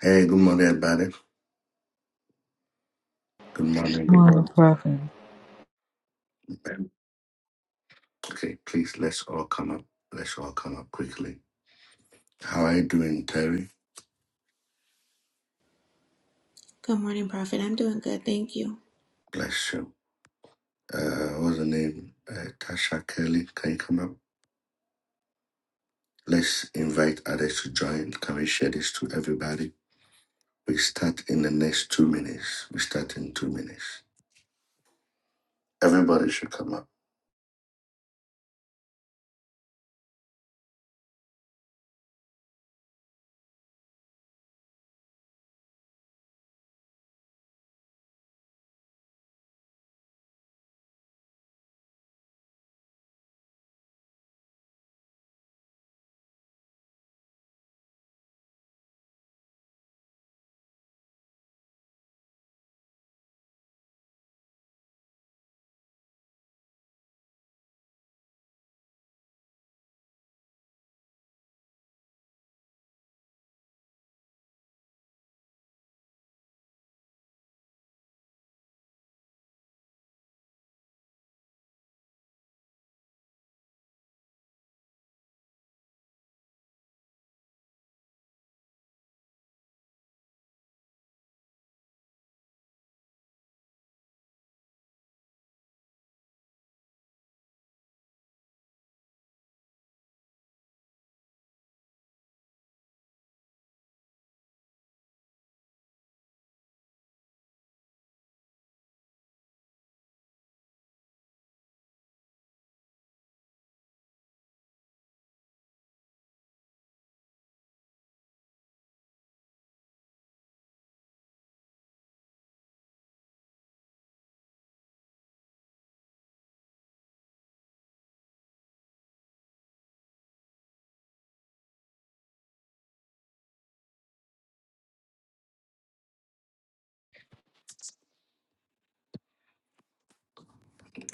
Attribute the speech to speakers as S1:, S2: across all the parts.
S1: Hey, good morning, everybody. Good morning, good
S2: Morning,
S1: morning.
S2: Prophet.
S1: Um, Okay, please, let's all come up. Let's all come up quickly. How are you doing, Terry?
S3: Good morning, Prophet. I'm doing good. Thank you.
S1: Bless you. Uh, what's the name? Uh, Tasha Kelly, can you come up? Let's invite others to join. Can we share this to everybody? We start in the next two minutes. We start in two minutes. Everybody should come up.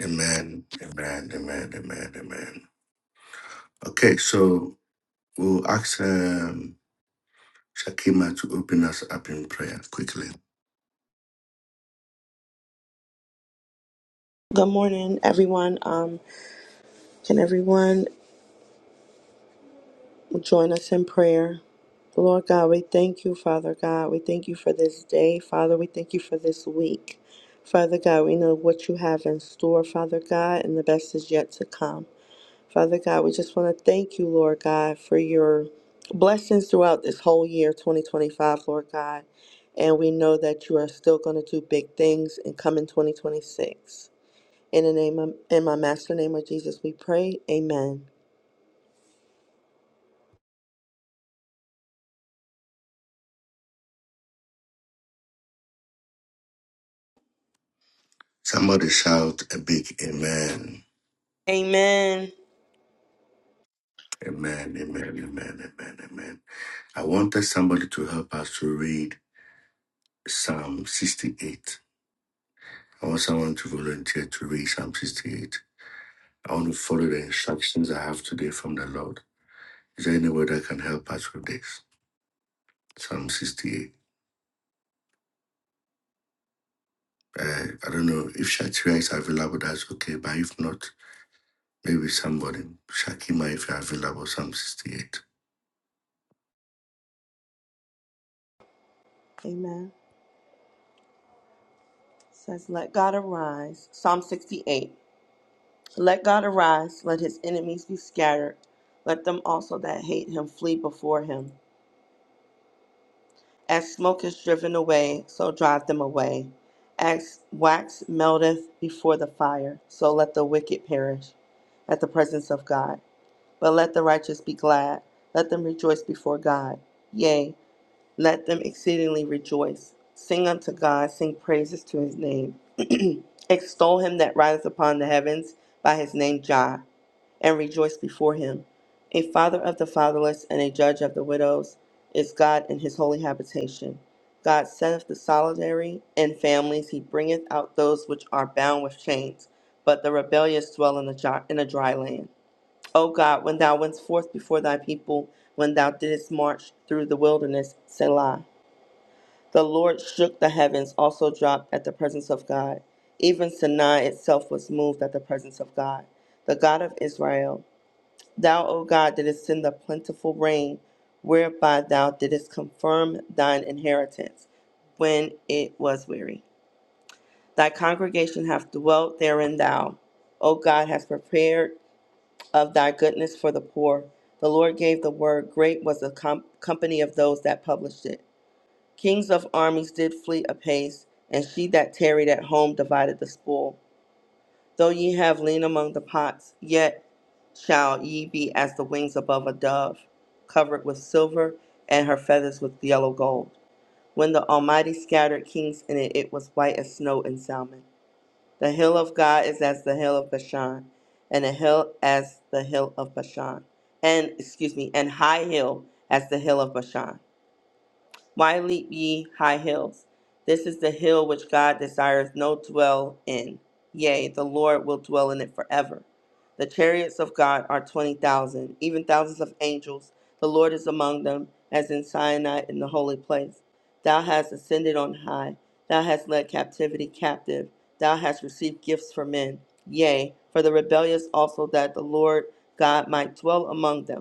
S1: Amen, amen, amen, amen, amen. Okay, so we'll ask um, Shakima to open us up in prayer quickly.
S4: Good morning, everyone. Um, can everyone join us in prayer? Lord God, we thank you, Father God. We thank you for this day, Father. We thank you for this week. Father God, we know what you have in store, Father God, and the best is yet to come. Father God, we just want to thank you, Lord God, for your blessings throughout this whole year, 2025, Lord God. And we know that you are still going to do big things and come in 2026. In the name of, in my master name of Jesus, we pray. Amen.
S1: Somebody shout a big amen.
S4: Amen.
S1: Amen, amen, amen, amen, amen. I wanted somebody to help us to read Psalm 68. I want someone to volunteer to read Psalm 68. I want to follow the instructions I have today from the Lord. Is there anyone that can help us with this? Psalm 68. Uh, I don't know if Shatira is available, that's okay. But if not, maybe somebody, Shakima, if you're available, Psalm 68.
S4: Amen. It says, Let God arise. Psalm 68. Let God arise. Let his enemies be scattered. Let them also that hate him flee before him. As smoke is driven away, so drive them away. As wax melteth before the fire, so let the wicked perish at the presence of God. But let the righteous be glad. Let them rejoice before God. Yea. Let them exceedingly rejoice. Sing unto God, sing praises to his name. Extol him that rideth upon the heavens by his name Jah, and rejoice before him. A father of the fatherless and a judge of the widows is God in his holy habitation. God setteth the solitary in families, he bringeth out those which are bound with chains, but the rebellious dwell in a, dry, in a dry land. O God, when thou wentest forth before thy people, when thou didst march through the wilderness, Selah. The Lord shook the heavens, also dropped at the presence of God. Even Sinai itself was moved at the presence of God, the God of Israel. Thou, O God, didst send a plentiful rain, whereby thou didst confirm thine inheritance when it was weary. Thy congregation hath dwelt therein thou. O God, hast prepared of thy goodness for the poor. The Lord gave the word, great was the com- company of those that published it. Kings of armies did flee apace, and she that tarried at home divided the spoil. Though ye have lain among the pots, yet shall ye be as the wings above a dove, covered with silver, and her feathers with yellow gold. When the Almighty scattered kings in it, it was white as snow and Salmon. The hill of God is as the hill of Bashan, and the hill as the hill of Bashan, and excuse me, and high hill as the hill of Bashan. Why leap ye high hills? This is the hill which God desires no dwell in. Yea, the Lord will dwell in it forever. The chariots of God are 20,000, even thousands of angels. The Lord is among them, as in Sinai in the holy place. Thou hast ascended on high. Thou hast led captivity captive. Thou hast received gifts for men. Yea, for the rebellious also, that the Lord God might dwell among them.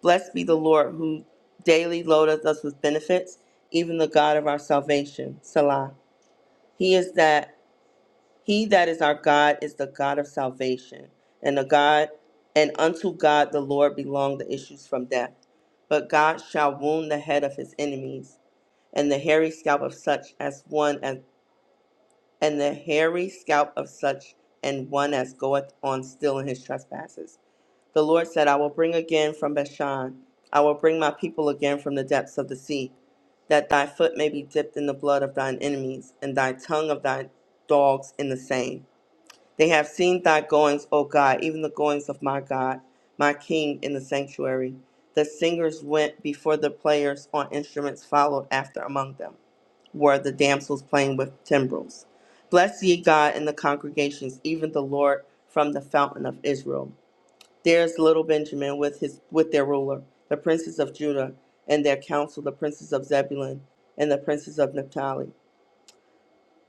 S4: Blessed be the Lord who daily loadeth us with benefits, even the God of our salvation. Selah. He is that he that is our God is the God of salvation, and the God and unto God the Lord belong the issues from death. But God shall wound the head of his enemies, and the hairy scalp of such as one as and the hairy scalp of such and one as goeth on still in his trespasses. The Lord said, I will bring again from Bashan, I will bring my people again from the depths of the sea, that thy foot may be dipped in the blood of thine enemies, and thy tongue of thy dogs in the same. They have seen thy goings, O God, even the goings of my God, my King in the sanctuary. The singers went before the players on instruments followed after among them, were the damsels playing with timbrels. Bless ye God in the congregations, even the Lord from the fountain of Israel. There's little Benjamin with his with their ruler, the princes of Judah, and their council, the princes of Zebulun, and the princes of Naphtali.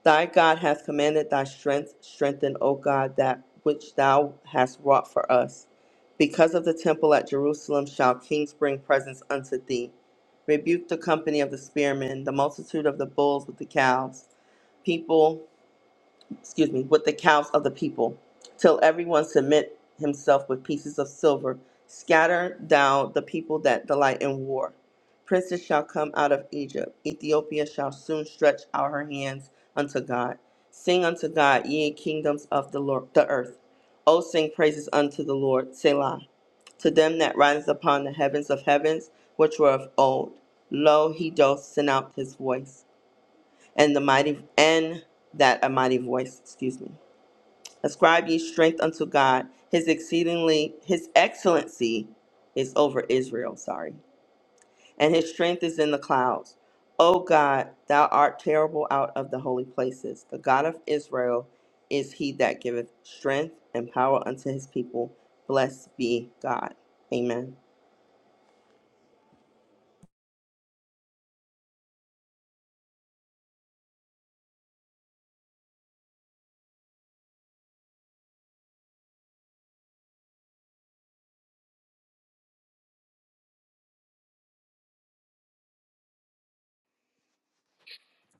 S4: Thy God hath commanded thy strength, strengthen, O God, that which thou hast wrought for us. Because of the temple at Jerusalem shall kings bring presents unto thee. Rebuke the company of the spearmen, the multitude of the bulls with the calves, people excuse me, with the cows of the people, till everyone submit himself with pieces of silver. Scatter down the people that delight in war. Princes shall come out of Egypt. Ethiopia shall soon stretch out her hands unto God. Sing unto God, ye kingdoms of the, Lord, the earth. O sing praises unto the Lord, Selah. To them that rides upon the heavens of heavens, which were of old. Lo, he doth send out his voice and the mighty and that a mighty voice, excuse me. Ascribe ye strength unto God, his exceedingly his excellency is over Israel, sorry. And his strength is in the clouds. O God, thou art terrible out of the holy places. The God of Israel is he that giveth strength and power unto his people. Blessed be God. Amen.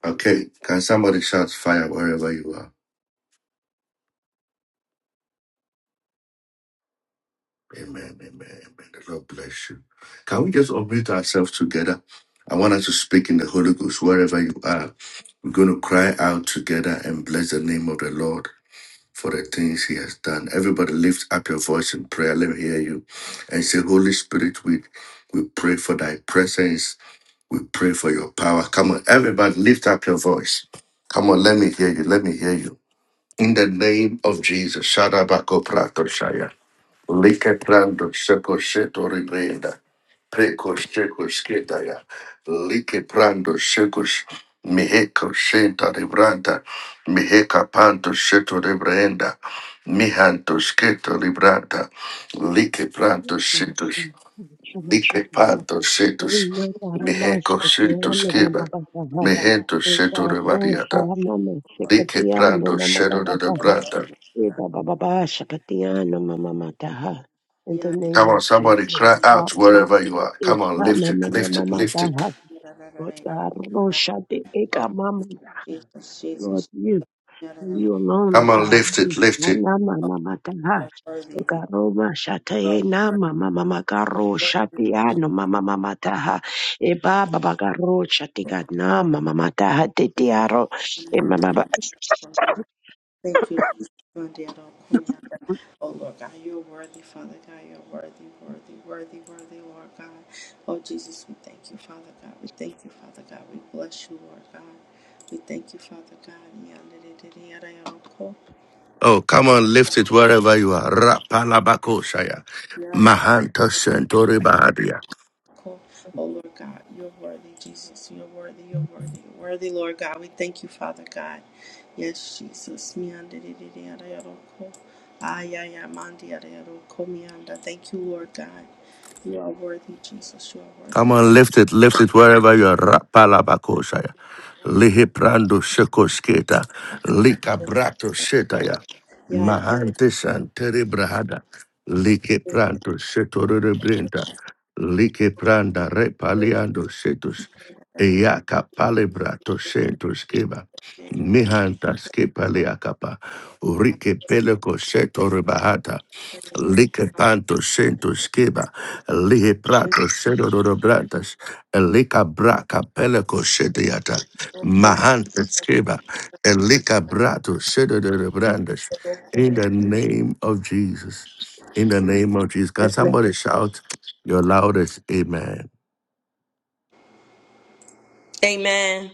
S1: Okay, can somebody shout fire wherever you are? Amen, amen, amen. The Lord bless you. Can we just unmute ourselves together? I want us to speak in the Holy Ghost wherever you are. We're going to cry out together and bless the name of the Lord for the things He has done. Everybody, lift up your voice in prayer. Let me hear you, and say, Holy Spirit, we we pray for Thy presence. We pray for Your power. Come on, everybody, lift up your voice. Come on, let me hear you. Let me hear you. In the name of Jesus, Shadabako Prato Shaya. Like prando seco seto ribreda, preco seco schedaya, like prando secus, miheco senta libranta, miheca panto seto librenda, mihanto scheto libranta, like prando
S5: Shama-
S1: setus,
S5: Shama
S1: like
S5: Teka,
S1: panto setus,
S5: Ina Parama
S1: miheco sento
S5: Shakatiya Nama
S1: scheba,
S5: Baba Saha,
S1: mihento seto
S5: Eka Ro
S1: revariata,
S5: Shama Ma
S1: like
S5: Shakatiya
S1: prando
S5: Nama
S1: seto
S5: Baba Saha,
S1: libranta,
S5: Eka Baba Ba Shakatiya Nama Mataha. In the
S4: Yeah,
S5: name
S1: Come
S5: of
S1: on, somebody
S5: Jesus,
S1: cry out
S5: Akaru
S1: wherever you are. Come on,
S5: Isha
S1: lift it,
S5: Mama
S1: lift it,
S5: Mama
S1: lift it.
S5: Mataha,
S4: yeah, yeah, yeah, yeah,
S5: Eka Ro
S4: yeah.
S5: Shati
S4: Oh,
S5: Eka
S4: Jesus,
S5: Lord,
S4: Jesus. Yeah, yeah,
S5: and
S4: yeah.
S5: You alone, O
S1: Come on,
S5: God.
S1: lift it, lift it.
S5: Nama
S4: Oh,
S5: mama kaha.
S4: you're
S5: O
S4: worthy.
S5: God, Roma shataye nama mama makaro
S4: Thank
S5: shatiano mama mama taha. Eba baba garo shatiga nama mama taha tetiaro. E mama ba.
S4: you, Jesus. Mandiaroko, miandasis,
S1: Oh, come on, lift it wherever you are. Rapalabakoshaya. Mahanta
S4: miandiridiaroko. Ayayamandiaroko, mianda. Thank you, Lord God. You are worthy, Jesus. You are worthy.
S1: Come on, lift it, lift it wherever you are. Rapalabakoshaya. Lihiprando shekosketa. Likabrato shetaya.
S4: Yeah.
S1: Mahante santere brahada. Like pranto setore brenta. Like pranda repaliando setus. Eaka palebrato sentus keba. Mihanta skepaleakapa. Urike peleko setore bahata. Lique panto sento skiba, lihe prato sento robratas, lika braca peleco sediata, mahanta skiba, lika brato sento robrandas. In the name of Jesus, in the name of Jesus, can somebody shout your loudest amen?
S4: Amen.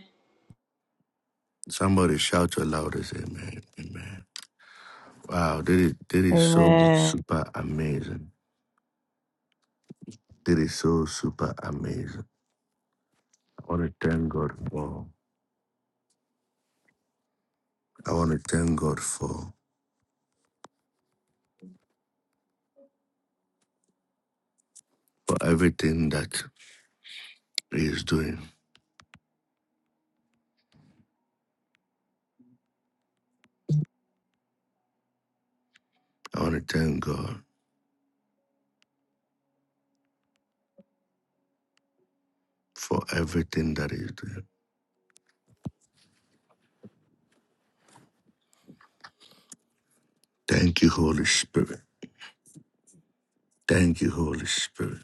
S1: Somebody shout your loudest amen, amen. Wow, that is, that is so
S2: Amen.
S1: super amazing. That is so super amazing. I want to thank God for. I want to thank God for for everything that He is doing. I want to thank God for everything that He is doing. Thank you, Holy Spirit. Thank you, Holy Spirit.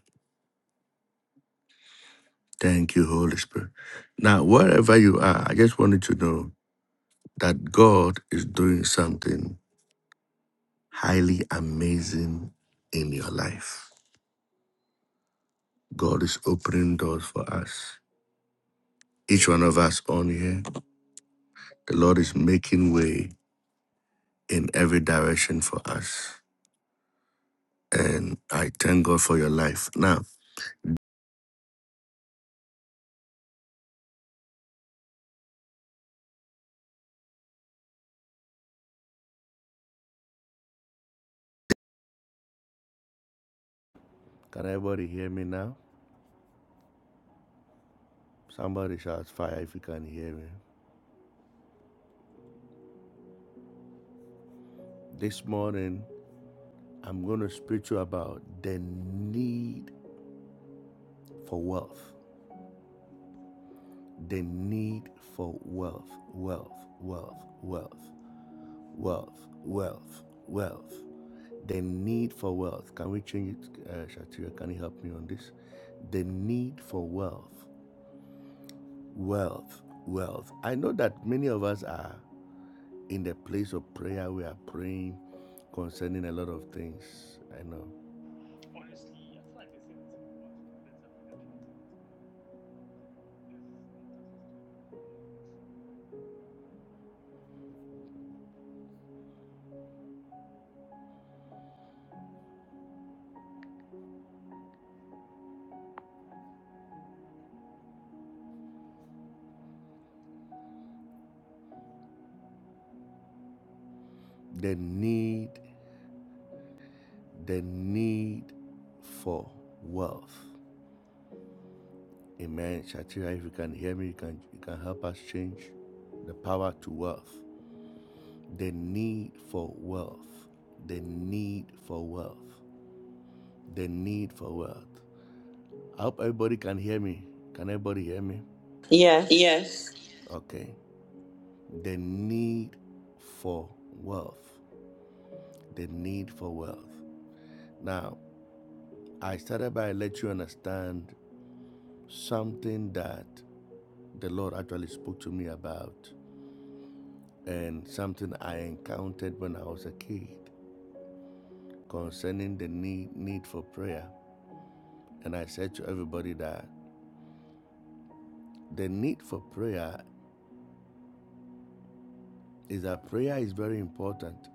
S1: Thank you, Holy Spirit. Now, wherever you are, I just wanted to know that God is doing something highly amazing in your life. God is opening doors for us. Each one of us on here, the Lord is making way in every direction for us. And I thank God for your life. Now, Can everybody hear me now? Somebody shouts fire if you can hear me. This morning, I'm going to speak to you about the need for wealth. The need for wealth, wealth, wealth, wealth, wealth, wealth, wealth. The need for wealth. Can we change it, uh, Shatira? Can you help me on this? The need for wealth, wealth, wealth. I know that many of us are. in the place of prayer, we are praying concerning a lot of things. I know the need, the need for wealth. Amen. Shatira, if you can hear me, you can you can help us change the power to wealth. The need for wealth. The need for wealth. The need for wealth. I hope everybody can hear me. Can everybody hear me?
S4: Yes.
S1: Yes. Okay. The need for wealth. the need for wealth. Now, I started by let you understand something that the Lord actually spoke to me about and something I encountered when I was a kid concerning the need, need for prayer. And I said to everybody that the need for prayer is that prayer is very important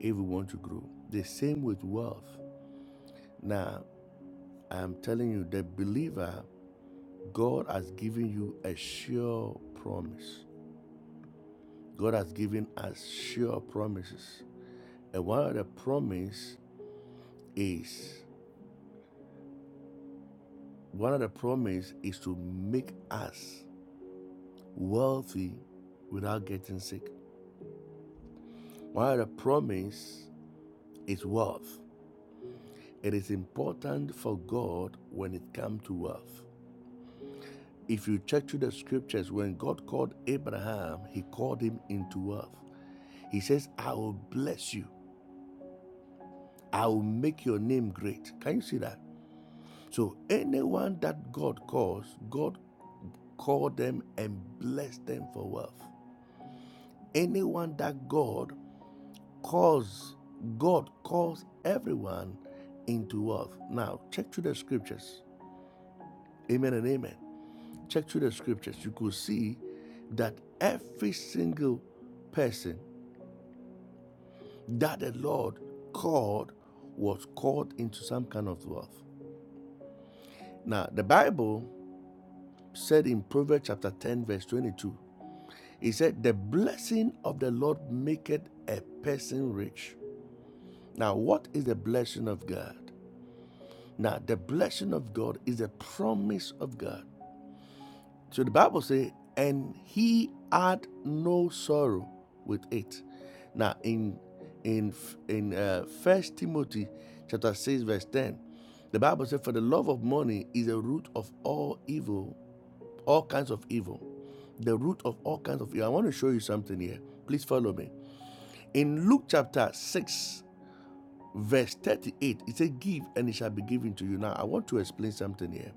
S1: if we want to grow. The same with wealth. Now, I'm telling you, the believer, God has given you a sure promise. God has given us sure promises. And one of the promise is one of the promise is to make us wealthy without getting sick. One of the promise is wealth. It is important for God when it comes to wealth. If you check through the scriptures, when God called Abraham, he called him into wealth. He says, I will bless you. I will make your name great. Can you see that? So anyone that God calls, God called them and blessed them for wealth. Anyone that God calls, God calls everyone into wealth. Now check through the scriptures. Amen and amen. Check through the scriptures. You could see that every single person that the Lord called was called into some kind of wealth. Now the Bible said in Proverbs chapter 10, verse 22, He said, The blessing of the Lord maketh a person rich. Now, what is the blessing of God? Now, the blessing of God is the promise of God. So the Bible says, and he had no sorrow with it. Now, in in in uh, First Timothy chapter six verse ten, the Bible says, "For the love of money is the root of all evil, all kinds of evil, the root of all kinds of evil." I want to show you something here. Please follow me. In Luke chapter 6, verse 38, it says, Give and it shall be given to you. Now, I want to explain something here.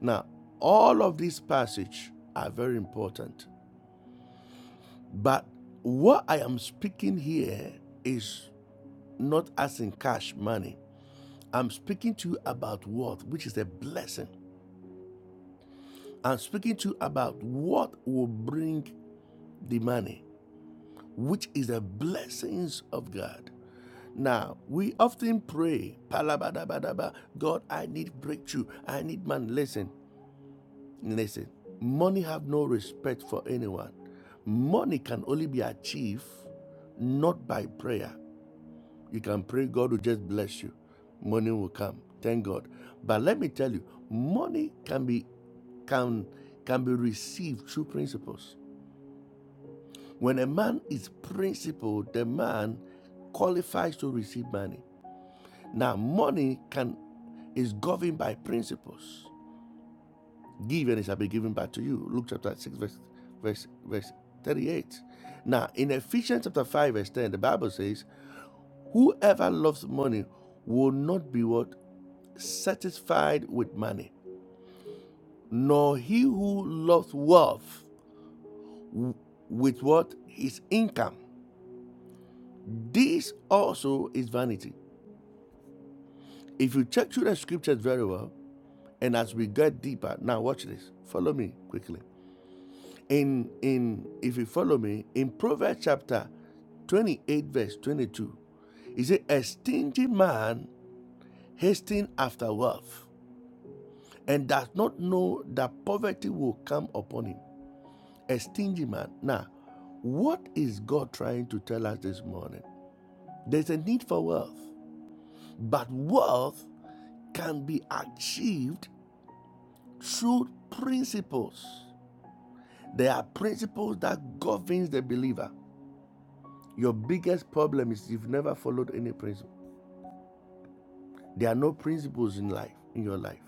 S1: Now, all of these passages are very important, but what I am speaking here is not as in cash money. I'm speaking to you about what, which is a blessing. I'm speaking to you about what will bring the money, which is the blessings of God. Now, we often pray, God, I need breakthrough. I need man. Listen, listen. Money have no respect for anyone. Money can only be achieved not by prayer. You can pray, God will just bless you. Money will come. Thank God. But let me tell you, money can be can can be received through principles. When a man is principled, the man qualifies to receive money. Now, money can is governed by principles. Give and it shall be given back to you. Luke chapter 6, verse, verse, verse 38. Now, in Ephesians chapter 5, verse 10, the Bible says, Whoever loves money will not be what? Satisfied with money. Nor he who loves wealth with what? His income. This also is vanity. If you check through the scriptures very well, and as we get deeper, now watch this. Follow me quickly. in in if you follow me in proverbs chapter 28 verse 22 he said a stingy man hasting after wealth and does not know that poverty will come upon him a stingy man now what is god trying to tell us this morning there's a need for wealth but wealth can be achieved through principles there are principles that governs the believer Your biggest problem is you've never followed any principle. There are no principles in life, in your life.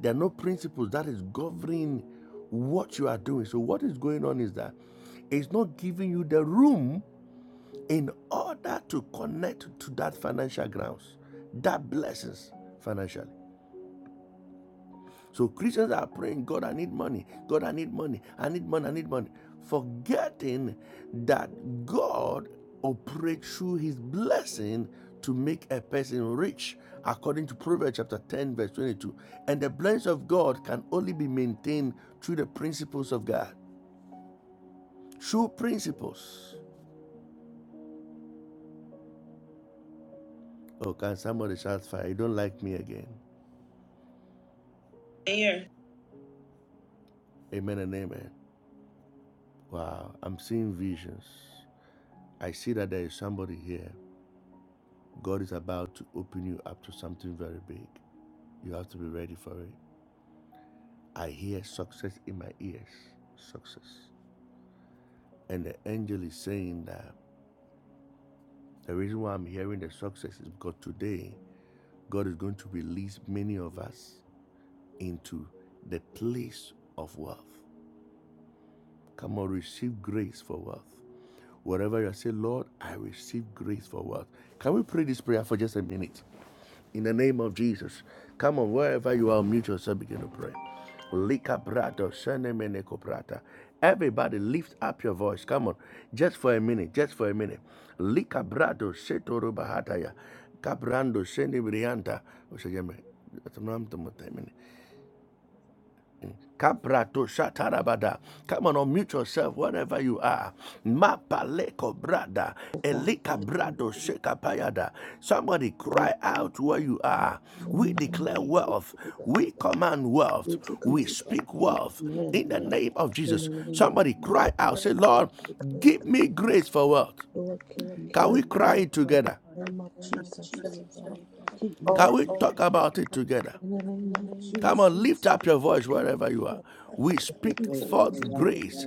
S1: There are no principles that is governing what you are doing. So what is going on is that it's not giving you the room in order to connect to that financial grounds, that blessings financially. So Christians are praying, God, I need money. God, I need money. I need money. I need money. Forgetting that God operates through his blessing to make a person rich, according to Proverbs chapter 10, verse 22. And the blessing of God can only be maintained through the principles of God. Through principles. Oh, can somebody shout fire? You don't like me again. Here. Amen and amen. Wow, I'm seeing visions. I see that there is somebody here. God is about to open you up to something very big. You have to be ready for it. I hear success in my ears. Success. And the angel is saying that the reason why I'm hearing the success is because today God is going to release many of us into the place of wealth. Come on, receive grace for wealth. Whatever you say, Lord, I receive grace for wealth. Can we pray this prayer for just a minute? in the name of Jesus. Come on, wherever you are, mute yourself, begin to pray. Lika brato, sene mene Everybody lift up your voice. Come on. Just for a minute. Just for a minute. Lika brato, setoro bahataya. Cabrando, ya me- ya se me han tomado Kabrato shatarabada. Come on, unmute yourself wherever you are. Mapaleko brada,
S6: Oh God,
S1: elika
S6: we give you
S1: brado shekapayada. Somebody
S6: the name
S1: cry out where
S6: of
S1: you are.
S6: Jesus, oh
S1: We
S6: God.
S1: declare
S6: We
S1: wealth.
S6: declare,
S1: We command
S6: we
S1: wealth. We
S6: declare, God,
S1: speak
S6: we
S1: wealth
S6: command
S1: in the name of
S6: in the
S1: Jesus.
S6: name of
S1: Somebody cry
S6: Jesus, oh
S1: out. Say,
S6: God,
S1: Lord,
S6: declare.
S1: give me
S6: God,
S1: grace for wealth.
S6: Lord, keep me
S1: Can we cry
S6: grateful,
S1: it
S6: God, in
S1: together?
S6: the name of
S1: name of
S6: Jesus, oh
S1: Jesus,
S6: God.
S1: right now.
S6: Keep me
S1: Can we Oh, talk
S6: grateful
S1: about it together?
S6: in the name of
S1: Come
S6: Jesus,
S1: on, lift up your voice wherever you are.
S6: oh
S1: We speak
S6: Jesus,
S1: forth
S6: name,
S5: Yes,
S6: Lord,
S1: grace.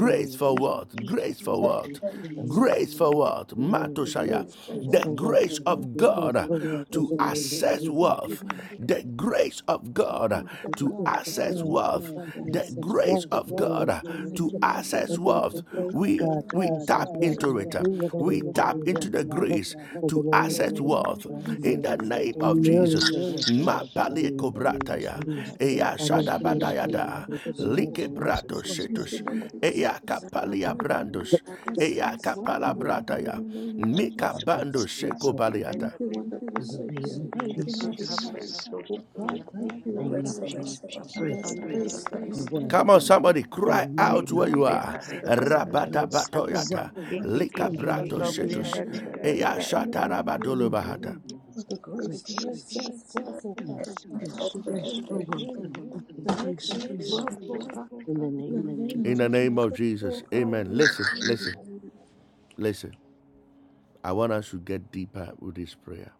S6: Lord,
S5: of
S1: for
S6: Lord,
S1: what?
S5: Jesus.
S6: Lord,
S1: Grace for
S5: We
S1: what?
S5: see
S6: Jesus,
S5: it.
S6: oh,
S1: Grace for
S5: We
S1: what?
S6: thank you
S5: see
S6: for
S1: Matoshaya
S6: grace, for
S1: the
S6: wealth,
S5: it.
S1: grace
S6: in the
S1: of
S5: We see it. We see it. We see it.
S6: name
S5: We see
S1: God
S5: it.
S6: of
S5: In
S6: Jesus,
S1: to
S5: the
S6: oh God,
S5: name of
S6: we
S1: access
S5: Jesus.
S6: thank you,
S1: wealth,
S6: wonderful,
S1: the grace of
S6: for the
S1: God
S6: grace of
S5: Because it
S1: to
S5: is
S6: God.
S5: just
S1: access
S5: God, your
S1: wealth, the
S5: darkness,
S6: Yes,
S5: this
S6: yes, Lord.
S5: walk
S1: grace
S5: of the
S1: of
S5: name of
S6: In
S1: God
S6: the
S5: Jesus,
S1: to
S5: that
S6: name of
S1: access
S5: that you
S6: Jesus,
S1: wealth.
S5: can
S6: oh
S5: thank
S6: God,
S1: We
S5: God
S6: thank
S1: we
S5: to
S6: you
S5: us as
S6: for
S1: tap
S6: the
S5: well.
S6: grace.
S5: And
S1: into
S5: that
S1: it.
S5: do whatever
S1: We
S5: you can
S1: tap
S5: do, Lord,
S6: Yes,
S1: into the
S5: for that hope,
S1: grace
S5: for the
S1: to
S5: name
S6: In
S5: of
S1: access
S6: the
S5: Jesus.
S6: name of
S1: wealth
S5: I
S1: in
S5: need
S6: Jesus,
S1: the
S6: oh God,
S1: name
S5: a
S1: of
S6: thank you
S5: miracle,
S1: Jesus.
S5: Lord
S6: for the grace.
S5: God, in the
S1: Mapale
S5: name
S6: Yes,
S5: of Jesus.
S1: kobrataya,
S5: Indeed,
S6: Lord, thank you
S1: eya
S5: I need
S6: in
S5: a
S6: the name
S5: miracle in
S1: shadabadayada,
S6: of
S5: the
S6: Jesus,
S5: name of
S1: like
S5: Jesus.
S1: bratos
S5: Lord God,
S6: oh
S1: eya
S6: thank you,
S5: in
S1: kapalia
S6: wonderful Savior, for
S1: brandos,
S6: the great blessing.
S1: Eyaka
S6: What,
S5: the
S6: oh
S5: name of Jesus.
S1: palabrata
S6: God, in the
S1: ya.
S6: name of
S1: Mika
S6: Jesus,
S1: bando
S5: Praise
S6: oh
S5: the
S6: God,
S7: Reka
S1: sheko
S5: Lord,
S6: thank
S1: baliata.
S7: brenda
S6: you, wonderful
S5: in
S7: doshika,
S5: the name
S6: Savior.
S5: of
S6: Thank you, mighty
S7: reka
S5: Jesus.
S6: God.
S7: brenda
S6: Oh God,
S7: doshika,
S6: thank
S5: In
S6: you,
S5: the
S6: oh
S5: name of
S6: God,
S5: Jesus.
S7: reka
S6: for
S5: Praise
S6: the
S7: brenda da da
S6: grace
S7: da
S6: that
S7: da
S6: has
S5: the
S6: blessed.
S5: Lord,
S6: us.
S1: Come on,
S7: doshika,
S6: Oh
S1: somebody,
S5: in
S6: God,
S1: cry
S5: the
S6: in the
S1: out
S5: name
S7: reka
S6: name
S5: of
S1: where
S6: of
S1: you are.
S7: brenda
S5: Jesus.
S7: da
S6: Jesus,
S7: da da
S6: oh
S7: da
S6: God,
S1: Rabata
S6: thank
S5: Praise
S7: doshika,
S6: you,
S5: the Lord.
S1: batoyata,
S7: ke ke ke
S1: lika
S5: In
S7: ke
S5: the
S7: ke
S1: brato
S5: name
S7: ba
S6: Thank
S5: of
S6: you,
S5: Jesus,
S1: shetush,
S6: mighty
S7: brenda da
S6: God.
S7: da da da
S6: Thank
S1: eya
S7: da.
S6: you,
S1: shata
S6: Lord.
S1: rabadolo
S5: in the
S6: Hallelujah.
S5: name
S1: bahata.
S5: of
S6: For the
S5: Jesus,
S6: grace to
S5: grace,
S6: makes us wealth, O God.
S5: grace,
S6: I
S5: grace, grace,
S6: declare
S5: oh
S6: the
S5: wealth,
S6: grace
S5: and everything,
S6: to
S5: grace,
S6: makes us
S5: oh wealth,
S6: wealth, O God.
S5: in the
S6: In
S5: name
S6: the
S5: of
S6: name
S1: In
S6: of
S1: the
S5: Jesus.
S1: name of
S6: Jesus, O
S1: Jesus,
S6: God.
S1: amen.
S6: Thank
S1: Listen,
S6: you,
S1: listen,
S6: O
S1: listen. I want us to get deeper with this prayer.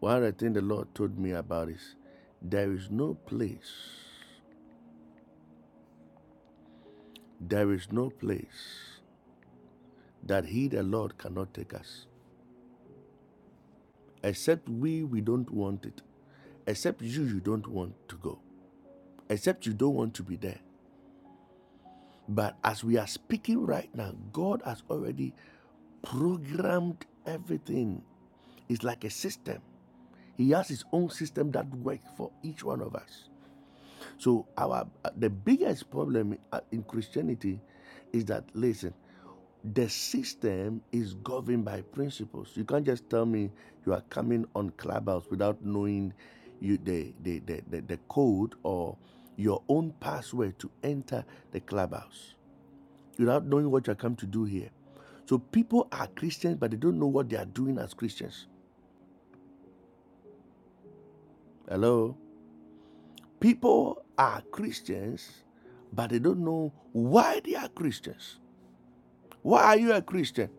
S1: One of the things the Lord told me about is there is no place, there is no place that He, the Lord, cannot take us. Except we, we don't want it. Except you, you don't want to go. Except you don't want to be there. But as we are speaking right now, God has already programmed everything. It's like a system. He has his own system that works for each one of us. So our uh, the biggest problem uh, in Christianity is that listen, the system is governed by principles. You can't just tell me you are coming on clubhouse without knowing you the the, the, the, the code or your own password to enter the clubhouse without knowing what you are come to do here. So people are Christians, but they don't know what they are doing as Christians. Hello? People are Christians, but they don't know why they are Christians. Why are you a Christian?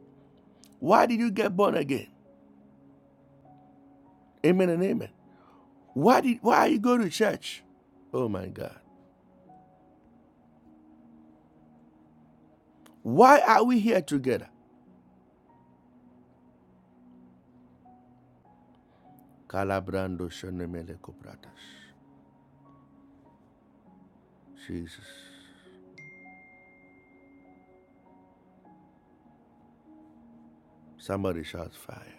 S1: Why did you get born again? Amen and amen. Why did why are you going to church? Oh my God. Why are we here together? Calabrando shenemele kopratas. Jesus. Somebody shouts fire.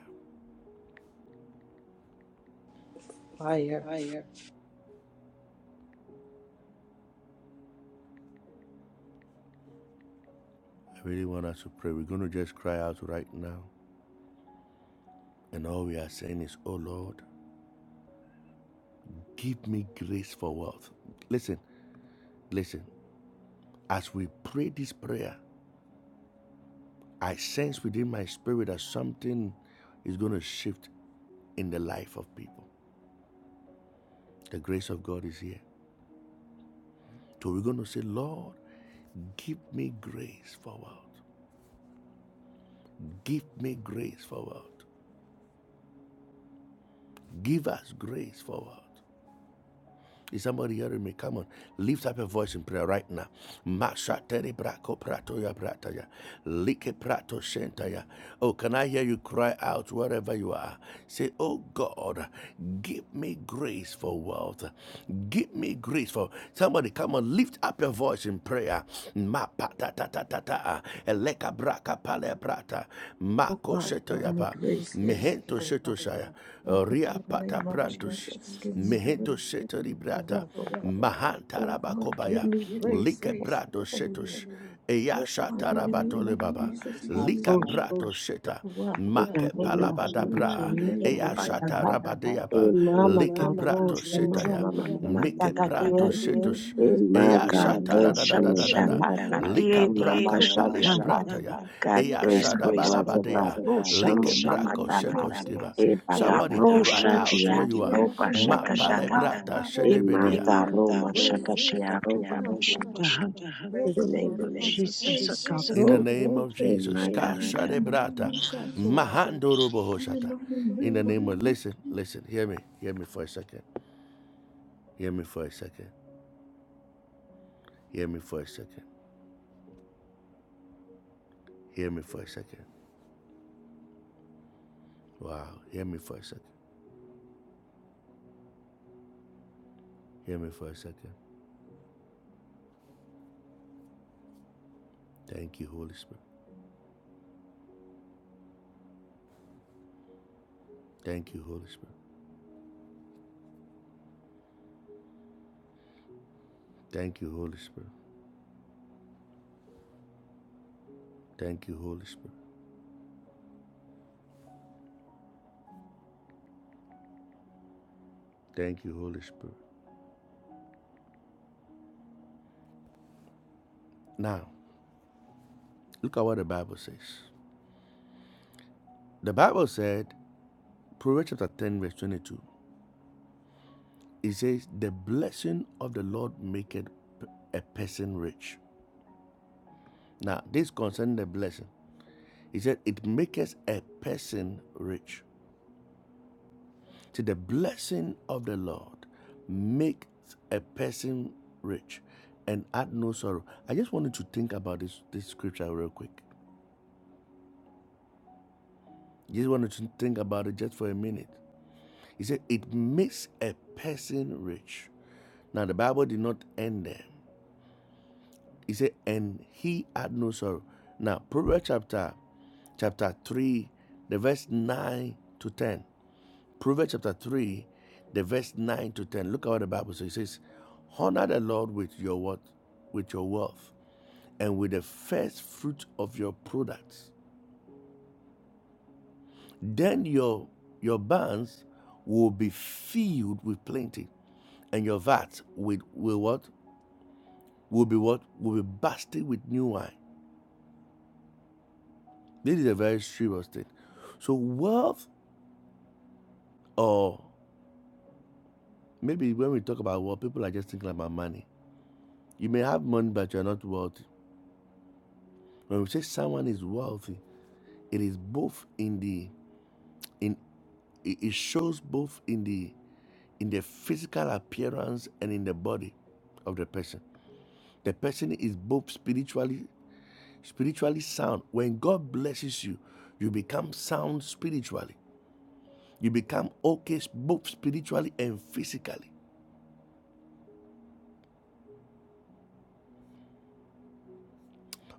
S1: I really want us to pray. We're going to just cry out right now. And all we are saying is, Oh Lord, give me grace for wealth. Listen, listen. As we pray this prayer, I sense within my spirit that something is going to shift in the life of people. The grace of God is here. So we're going to say, Lord, give me grace forward. Give me grace forward. Give us grace forward. Is somebody hearing me? Come on. Lift up your voice in prayer right now. Mashatere brako pratoya prataya. Like prato Oh, can I hear you cry out wherever you are? Say, Oh God, give me grace for wealth. Give me grace for somebody. Come on, lift up your voice in prayer. Ma pata ta ta ta ta. Eleka braka pale prata. Mako
S6: God. Give
S1: shetoya
S6: me
S1: pa.
S6: grace for
S1: Mehento
S6: wealth, O
S1: sheto
S6: God.
S1: shaya.
S6: Oh God,
S1: Ria
S6: in the
S1: pata
S6: name of
S1: prantus.
S6: Jesus,
S1: Jesus,
S6: give me
S1: Meheto thank you.
S6: grace
S1: seteri
S6: for
S1: brata.
S6: wealth,
S1: Oh
S6: O God.
S1: Mahanta oh
S6: Oh God,
S1: rabakobaya.
S6: give me grace
S1: Lika grace.
S6: for
S1: brato
S6: wealth, O Lord.
S1: setus. Eya Thank
S6: O
S1: shata
S6: God, in the
S1: rabato
S6: name of
S1: lebaba. of
S6: Jesus, give me
S1: Lika Holy
S5: Babosh,
S6: grace
S1: brato seta.
S6: for wealth,
S1: Father,
S6: O
S1: Make
S6: Lord.
S1: we
S5: Egaro,
S1: palabada
S5: Master,
S6: In the
S5: the
S1: bra.
S6: mighty
S5: Diego,
S6: name of
S1: Eya Manda
S5: Baba,
S1: shata bakata.
S5: Taha,
S1: rabadeaba. Ima
S6: Jesus,
S5: Mama,
S1: Lika mama brato
S5: rosh. Shama,
S6: Walk,
S5: Mama, Mama,
S6: oh God,
S5: mama,
S1: Mike mama
S6: in
S1: pranto
S6: the
S5: Tagati,
S6: name of
S1: setus.
S6: Jesus,
S5: Ema,
S1: Eya Ima shata da
S5: Garo,
S1: da da da da da
S5: Shama,
S6: in the
S5: Taha,
S6: grace
S1: Lika
S5: Tati,
S1: braka
S5: Mama,
S6: for
S1: mama
S6: walk,
S1: palea
S6: oh
S5: Shaka,
S6: God,
S1: brata ya.
S5: God
S6: in the
S1: Eya God,
S5: grace
S6: name
S1: shada grace, oh
S6: of
S5: for
S1: God,
S5: wealth of God.
S1: balabadea.
S6: Jesus, oh
S1: for
S5: Rosha
S6: God,
S1: Like
S6: give
S5: mama
S6: me
S5: matama.
S6: grace
S5: E
S6: for
S5: baga
S6: walk,
S1: Somebody cry
S6: oh
S5: rosha
S1: out where
S5: dia
S1: you
S6: in
S1: are.
S6: the mighty
S5: roba
S1: shatiaro Ma
S6: name of
S5: shakataha.
S6: Jesus,
S5: E
S6: walk, God,
S1: shedebedia.
S5: mata
S6: give me
S5: roma
S6: grace
S1: Yes,
S5: shakatia
S6: for
S5: roba
S6: walk, oh God,
S5: mashutaha. In
S6: oh
S5: the
S6: God,
S1: Yes, In
S5: name
S1: the
S5: of
S6: give
S1: name
S6: us
S1: of
S5: Jesus, a
S1: Jesus,
S6: grace for
S1: In the
S5: cabro.
S6: walk,
S1: name
S6: oh
S1: of Jesus. praise Ka you Imada. in
S6: in the
S1: the name
S6: name of
S1: of
S6: Jesus, oh God, in the
S1: In the
S6: mighty
S1: name of
S6: name of Jesus,
S1: listen, listen, hear me. Hear me for a second. Hear me for a second. Hear me for a second. Hear me for a second. Wow. Hear me for a second. Hear me for a second. Thank you, Holy Spirit. Thank you, Holy Spirit. Thank you, Holy Spirit. Thank you, Holy Spirit. Thank you, Holy Spirit. Now, look at what the Bible says. The Bible said, Proverbs chapter 10, verse 22, it says, The blessing of the Lord maketh a person rich. Now, this concerns the blessing, he said, It maketh a person rich. To the blessing of the Lord makes a person rich and add no sorrow. I just wanted to think about this, this scripture real quick. Just wanted to think about it just for a minute. He said, It makes a person rich. Now, the Bible did not end there. He said, And he had no sorrow. Now, Proverbs chapter, chapter 3, the verse 9 to 10. Proverbs chapter 3, the verse 9 to 10. Look at what the Bible says. It says, Honor the Lord with your what? With your wealth and with the first fruit of your products. Then your your barns will be filled with plenty, and your vats with, with what? will be what? Will be bursting with new wine. This is a very serious thing. So wealth, or maybe when we talk about wealth, people are just thinking about money. You may have money, but you're not wealthy. When we say someone is wealthy, it is both in the in it it shows both in the in the physical appearance and in the body of the person. The person is both spiritually spiritually sound. When God blesses you, you become sound spiritually. You become okay both spiritually and physically.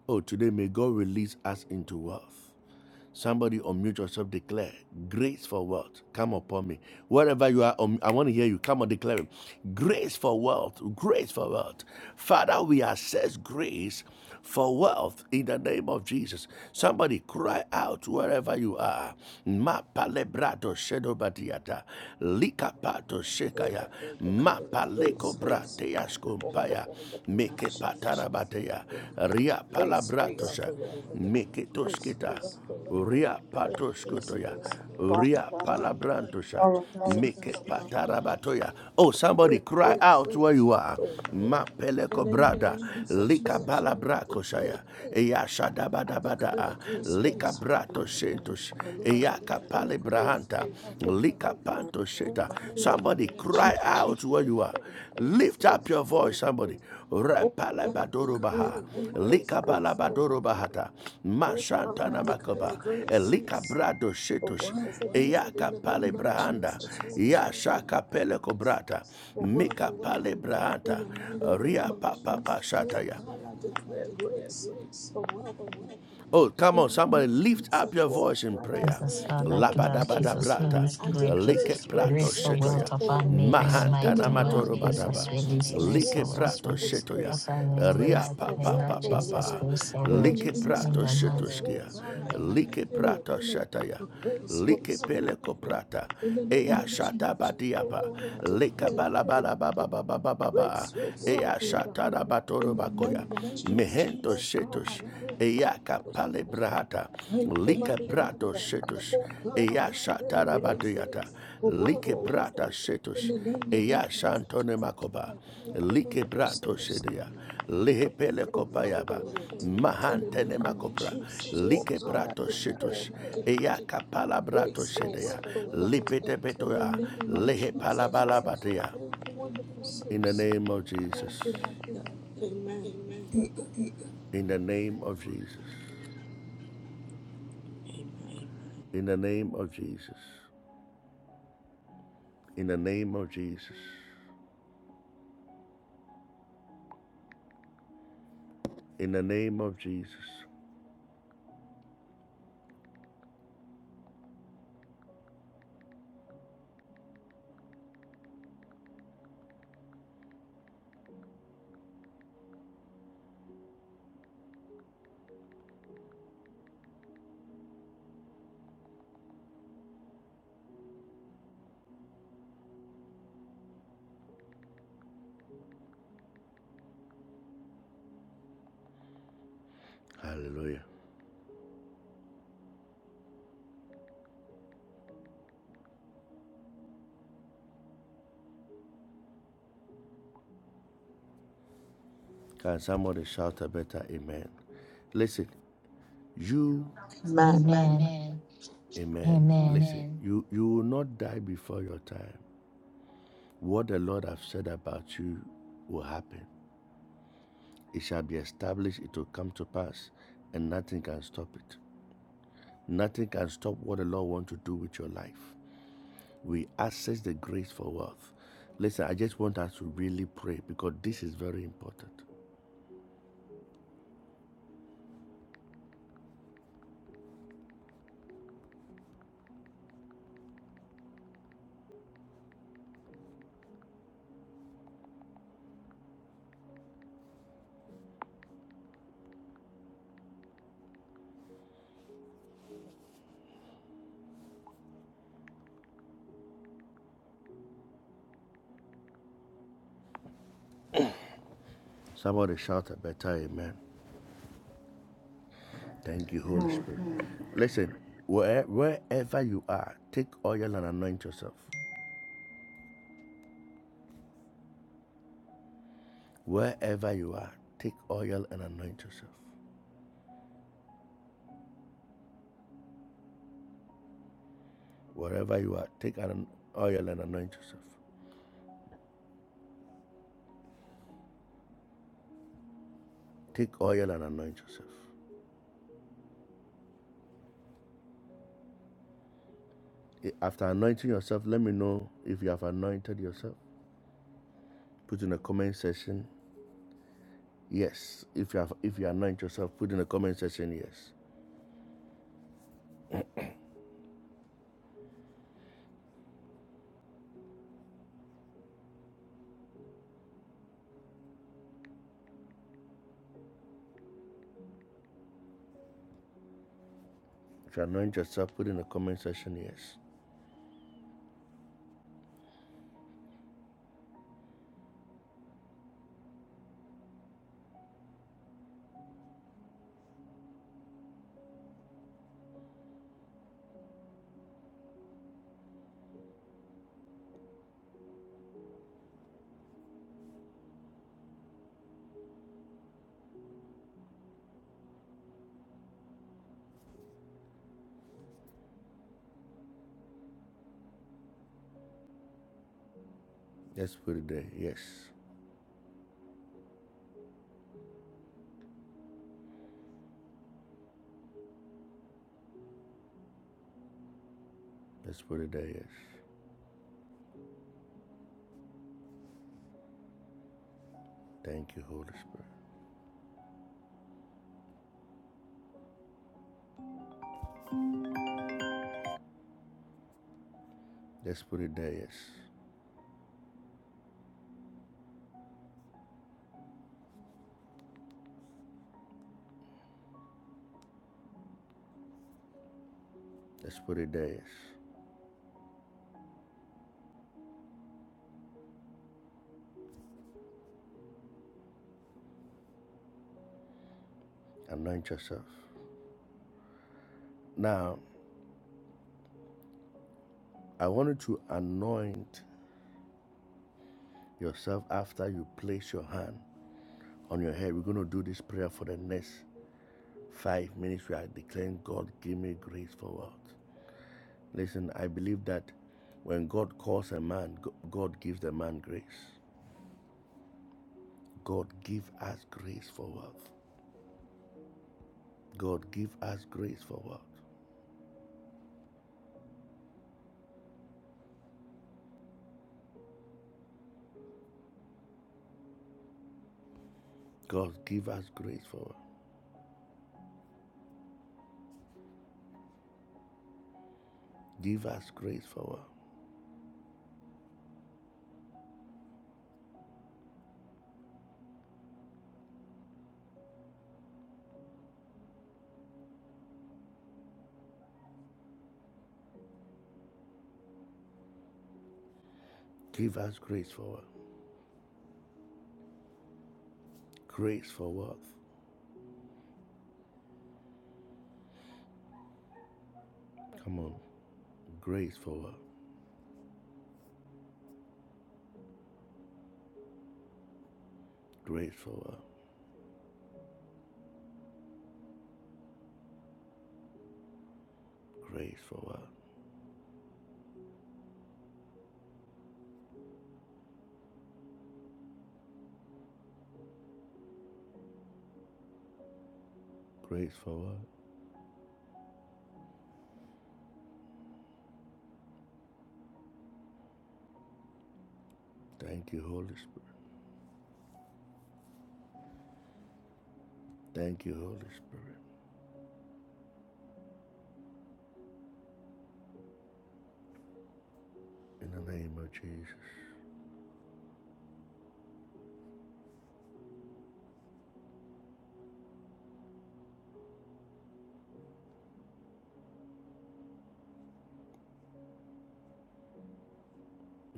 S1: Oh, today may God release us into wealth. Somebody unmute yourself, declare grace for wealth. Come upon me. Wherever you are, um, I want to hear you. Come on, declare it. grace for wealth. Grace for wealth. Father, we assess grace for wealth in the name of Jesus. Somebody cry out wherever you are. Ma palebrato shedobadiata. Likapato
S6: oh God,
S1: shekaya.
S6: the
S1: Ma
S6: cover of grace,
S1: paleko
S6: oh
S1: bratea
S6: God, oh Lord,
S1: skompaya.
S6: in the name of
S1: Meke
S6: Jesus, I
S1: patarabatea.
S6: declare
S1: Ria
S6: Grace for
S1: palabrato
S6: wealth
S1: sha.
S6: O Lord.
S1: Meke
S6: Grace for wealth
S1: toskita.
S6: O Lord. I
S1: Uria
S6: declare grace for
S1: patoskotoya.
S6: wealth.
S1: Uria
S6: O God, in
S1: palabrantosha.
S6: the name of Jesus,
S1: Meke
S6: I
S1: patarabatoya. Oh,
S6: thank you. I
S1: somebody
S6: declare
S1: cry
S6: grace
S1: out
S6: for
S1: where you
S6: wealth,
S1: are.
S6: O Lord.
S1: Ma
S6: In
S1: peleko
S6: the name of
S1: brada.
S6: Jesus,
S1: Lika
S6: Lord God, I
S1: balabrako shaya.
S6: declare.
S1: Eya
S6: I declare
S1: shadabadabada.
S6: grace for
S1: Lika
S6: wealth, O
S1: brato
S6: Lord.
S1: shentosh.
S6: Oh Lord,
S1: Eya
S6: I declare
S1: kapale
S6: grace
S1: brahanta.
S6: for wealth, O God.
S1: Lika panto
S6: Oh
S1: sheta.
S6: God, in the name
S1: Somebody
S6: of
S1: cry
S6: Jesus,
S1: out
S6: I
S1: where you are.
S6: declare grace
S1: Lift
S6: for
S1: up
S6: wealth,
S1: your
S6: O
S1: voice,
S6: God.
S1: somebody.
S6: Oh God, I declare
S1: Rapalabadorobaha.
S6: your grace for wealth, O Lord.
S1: Likabalabadorobahata.
S6: Oh God, I
S1: Mashantana
S6: declare
S1: makaba.
S6: grace.
S1: Elikabrado
S6: For
S1: shetush.
S6: word from Lord, in
S1: Eyaka
S6: the name of
S1: palebrahanda.
S6: Jesus, oh God, I thank
S1: Yashaka
S6: you for grace.
S1: pelekobrata.
S6: For word
S1: Mika
S6: from God, in
S1: palebrahata.
S6: the mighty name
S1: Ria
S6: of
S1: papa
S6: Jesus, oh
S1: shataya.
S6: God, I declare grace. For word from
S1: Oh,
S6: Lord,
S1: come
S6: in
S1: on,
S6: the
S1: somebody
S6: name of
S1: lift up
S6: Jesus,
S1: your
S6: oh
S1: voice in
S6: God, I thank
S1: prayer.
S8: Jesus,
S6: you,
S1: Jesus,
S8: Father, God,
S6: wonderful Savior.
S8: Jesus,
S1: Labadabadabrata,
S8: release
S6: I
S8: great uh,
S1: like
S6: declare
S1: Jesus, Holy prato
S6: grace
S8: grace
S6: for
S8: of wealth
S6: word,
S1: shetoya,
S6: oh
S8: upon me
S6: Lord,
S8: in the
S6: in
S8: mighty
S6: the
S1: mahantana
S8: name
S1: unto
S8: of
S6: mighty name of
S8: Jesus. Release
S6: Jesus,
S1: like
S8: grace
S6: oh
S8: of
S1: Jesus.
S6: God,
S8: wealth
S1: prato
S8: uh,
S6: I declare
S1: shetoya, so
S8: upon me in the
S1: ria
S6: grace
S8: mighty
S1: pa
S6: for
S1: pa
S8: name
S6: word,
S8: of
S6: oh
S8: Jesus. Grace of
S6: Lord, in the
S1: like
S8: wealth
S1: Jesus
S6: name of
S1: prato Christ,
S8: in the mighty.
S6: Jesus, oh God, I thank
S1: like
S6: you, Lord
S1: prato shetaya.
S6: for grace for
S1: Like
S6: life, oh God.
S1: pele koprata.
S6: In the
S1: Eya
S6: name of Jesus,
S1: shata
S6: oh
S1: badiapa.
S6: Lord, I
S1: Leka
S6: declare that the
S1: balabala baba baba baba ba.
S6: grace for wealth,
S1: Eya
S6: oh God.
S1: shata da batoro
S6: In the
S1: bakoya.
S6: name of Jesus,
S1: Mehento
S6: oh God, I
S1: shetush.
S6: thank you.
S1: Eya
S6: for
S1: kapale
S6: saving.
S1: brata.
S6: Thank you,
S1: Lika
S6: mighty God.
S1: brato shetush.
S6: Oh God, I
S1: Eya
S6: declare
S1: shata da
S6: grace for wealth,
S1: like
S6: oh
S1: brata
S6: Lord. In
S1: shetush.
S6: the name of
S1: Eya
S6: Jesus, oh
S1: shantone
S6: God,
S1: makoba.
S6: I thank you,
S1: Like
S6: wonderful
S1: brato
S6: Savior,
S1: shedia.
S6: for
S1: Lehe
S6: grace
S1: pele
S6: for wealth,
S1: kopayaba.
S6: oh Lord. In the name
S1: Mahantene
S6: of
S1: makobra.
S6: Jesus, oh
S1: Like
S6: God, I
S1: brato
S6: declare
S1: shetush.
S6: and I decree
S1: Eya kapala brato
S6: grace for
S1: shedia.
S6: wealth, oh God.
S1: Lipete
S6: In the
S1: betoya.
S6: name of
S1: Lehe
S6: Jesus, oh God.
S1: palabalabadia.
S6: Thank you, wonderful Savior.
S1: In the name of Jesus.
S6: Thank you, my God. Amen.
S1: In the name of Jesus.
S6: Amen.
S1: In the name of Jesus. In the name of Jesus. In the name of Jesus. Hallelujah. Can somebody shout a better amen? Listen, you,
S8: Amen.
S1: Amen. Amen. amen.
S8: Amen.
S1: Listen, you, you will not die before your time. What the Lord have said about you will happen. It shall be established, it will come to pass, and nothing can stop it. Nothing can stop what the Lord wants to do with your life. We access the grace for wealth. Listen, I just want us to really pray because this is very important. Somebody shout a better amen. Thank you, Holy
S6: Amen.
S1: Spirit. Mm. Listen, where, wherever you are, take oil and anoint yourself. Wherever you are, take oil and anoint yourself. Wherever you are, take an oil and anoint yourself. Take oil and anoint yourself. Eh, After anointing yourself, let me know if you have anointed yourself. Put in the comment section yes. If you have, if you anoint yourself, put in the comment section yes. If you anoint yourself, put in the comment section yes. Let's put it there. Yes. Let's put it there. Yes. Thank you, Holy Spirit. Let's put it there, yes. Let's put it there, yes. Anoint yourself. Now, I want you to anoint yourself after you place your hand on your head. We're going to do this prayer for the next five minutes. We are declaring, God, give me grace for what? Listen, I believe that when God calls a man, God gives the man grace. God, give us grace for wealth. God, give us grace for wealth. God, give us grace for wealth. Give us grace for wealth. Give us grace for what? Grace for what? Come on. Grace for what? Grace for what? Grace for what? Grace for what? Thank you, Holy Spirit. Thank you, Holy Spirit. In the name of Jesus.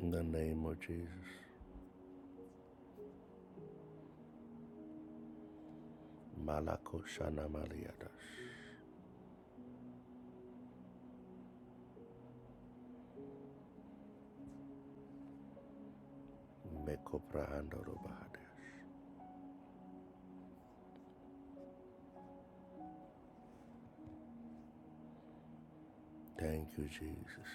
S1: In the name of Jesus. Malako Shana Maliadas. Meko Prahando Robahades. Thank you, Jesus.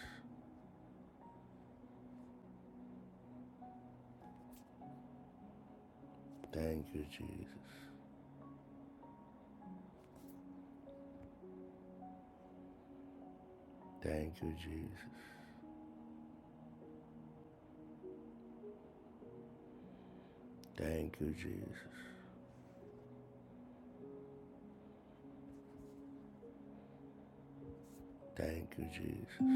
S1: Thank you, Jesus. Thank you, Jesus. Thank you, Jesus. Thank you, Jesus.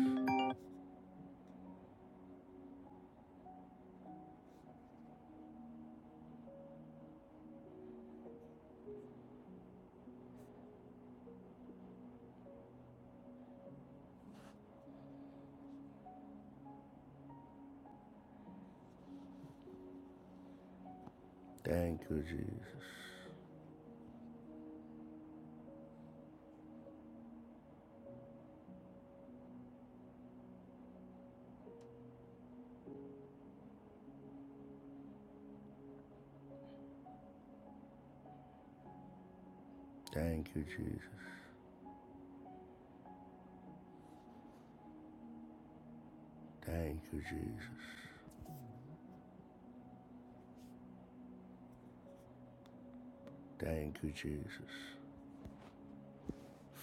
S1: Thank you, Jesus. Thank you, Jesus. Thank you, Jesus. Thank you, Jesus.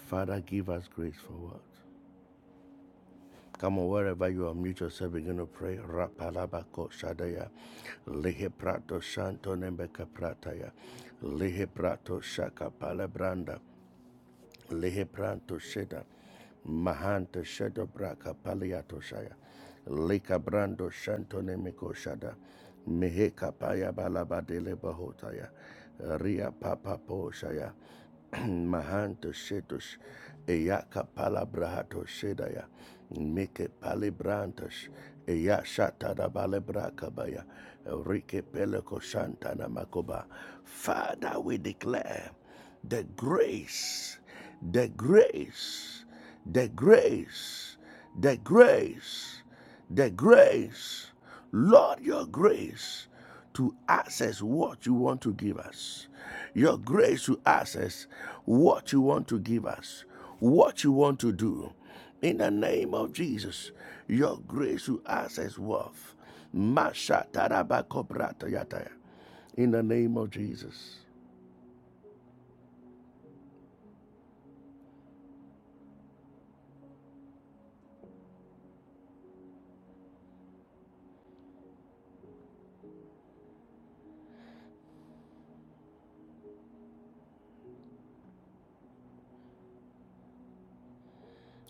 S1: Father, give us grace for what? Come on, wherever you are, mute yourself, begin to pray. Rapalabako Shadaya. Lehe Prato Shanto Nembeka Prataya. Lihe Prato Shaka Palabranda. Lehebranto Sheda, Mahanta Sheda Braka Paliato Shaya, Lika Brando Shantonemico Shada, Meheka Paya balabadele Dele Bahotaya, Ria Papa Po Shaya, Mahanta Shetush, Eyaka Palabrahato Shedaya, Mike Palibrantas, Eya shatada balebra kabaya. Rike peleko shantana makoba. Father, we declare the grace, the grace, the grace, the grace, the grace. Lord, your grace to access what you want to give us. Your grace to access what you want to give us, what you want to do. In the name of Jesus, your grace will access worth. Masha tarabako brata yataya. In the name of Jesus.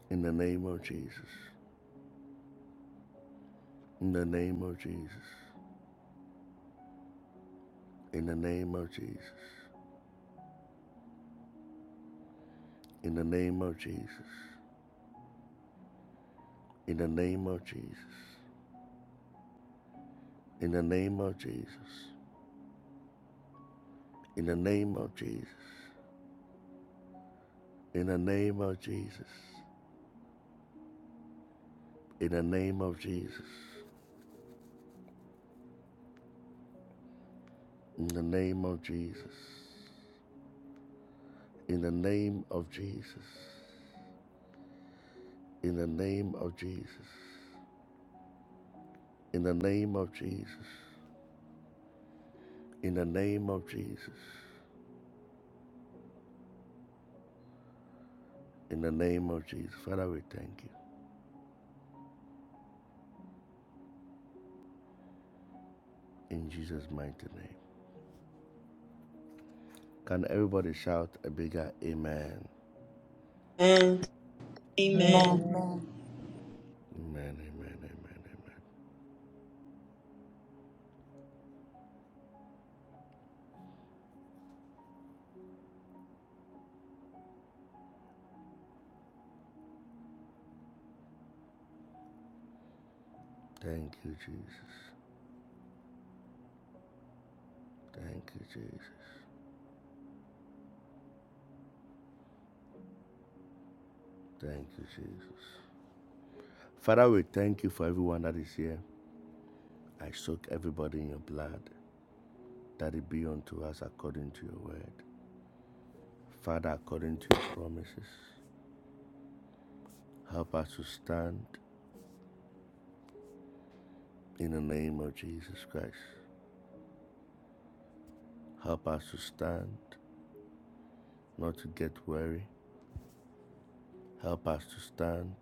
S1: In the name of Jesus. In the name of Jesus. In the name of Jesus. In the name of Jesus. In the name of Jesus. In the name of Jesus. In the name of Jesus. In the name of Jesus. In the name of Jesus. In the name of Jesus. In the name of Jesus. In the name of Jesus. In the name of Jesus. In the name of Jesus. In the name of Jesus. Father, we thank you. In Jesus' mighty name. Can everybody shout a bigger amen?
S4: Amen.
S1: Amen.
S2: Amen.
S6: Amen.
S1: Amen. Amen, amen, amen, amen. Thank you, Jesus. Thank you, Jesus. Thank you, Jesus. Father, we thank you for everyone that is here. I soak everybody in your blood, that it be unto us according to your word. Father, according to your promises. Help us to stand in the name of Jesus Christ. Help us to stand, not to get weary. Help us to stand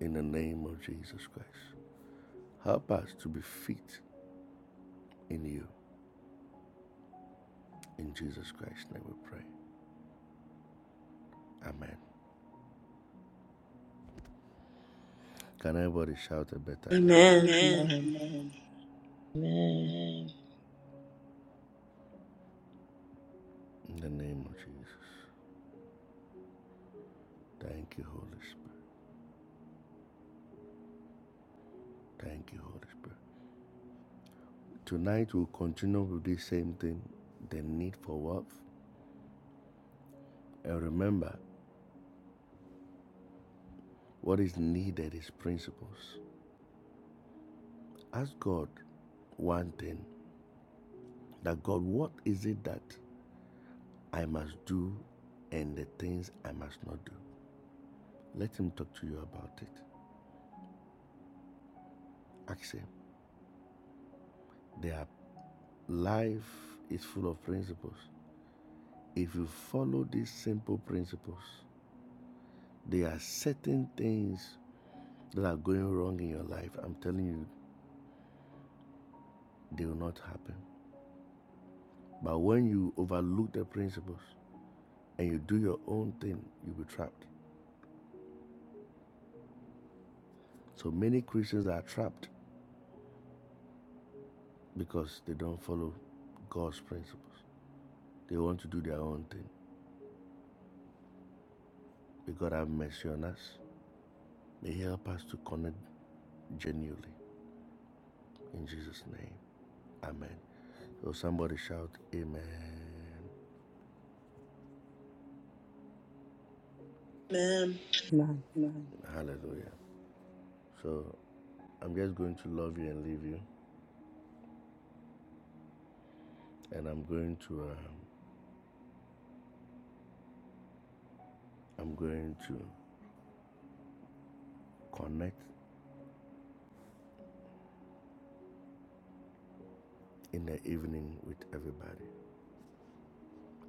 S1: in the name of Jesus Christ. Help us to be fit in you. In Jesus Christ's name we pray. Amen. Can everybody shout a better amen?
S4: Amen.
S1: Amen.
S6: Amen.
S1: Amen.
S2: Amen.
S1: Amen. In the name of Jesus. Thank you, Holy Spirit. Thank you, Holy Spirit. Tonight we'll continue with the same thing the need for wealth. And remember, What is needed is principles. Ask God one thing that God, what is it that I must do and the things I must not do? Let Him talk to you about it. Ask Him. There are, life is full of principles. If you follow these simple principles, there are certain things that are going wrong in your life. I'm telling you, they will not happen. But when you overlook the principles and you do your own thing, you'll be trapped. So many Christians are trapped because they don't follow God's principles. They want to do their own thing. May God have mercy on us. May He help us to connect genuinely. In Jesus' name. Amen. So somebody shout, Amen. Amen.
S6: Amen.
S1: Amen. Hallelujah. So I'm just going to love you and leave you, and I'm going to um, I'm going to connect in the evening with everybody.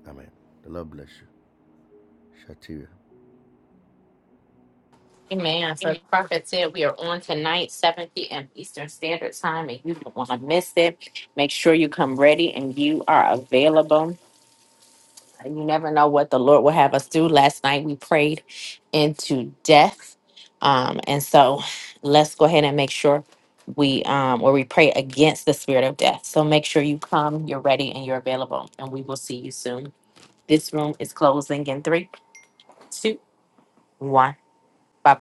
S1: Amen. The Lord bless you. Shatira.
S9: Amen. So the prophet said we are on tonight, 7 p.m. Eastern Standard Time, and you don't want to miss it. Make sure you come ready and you are available. And You never know what the Lord will have us do. Last night we prayed into death. Um, and so let's go ahead and make sure we um or we pray against the spirit of death. So make sure you come, you're ready, and you're available. And we will see you soon. This room is closing in three, two, one. Bye.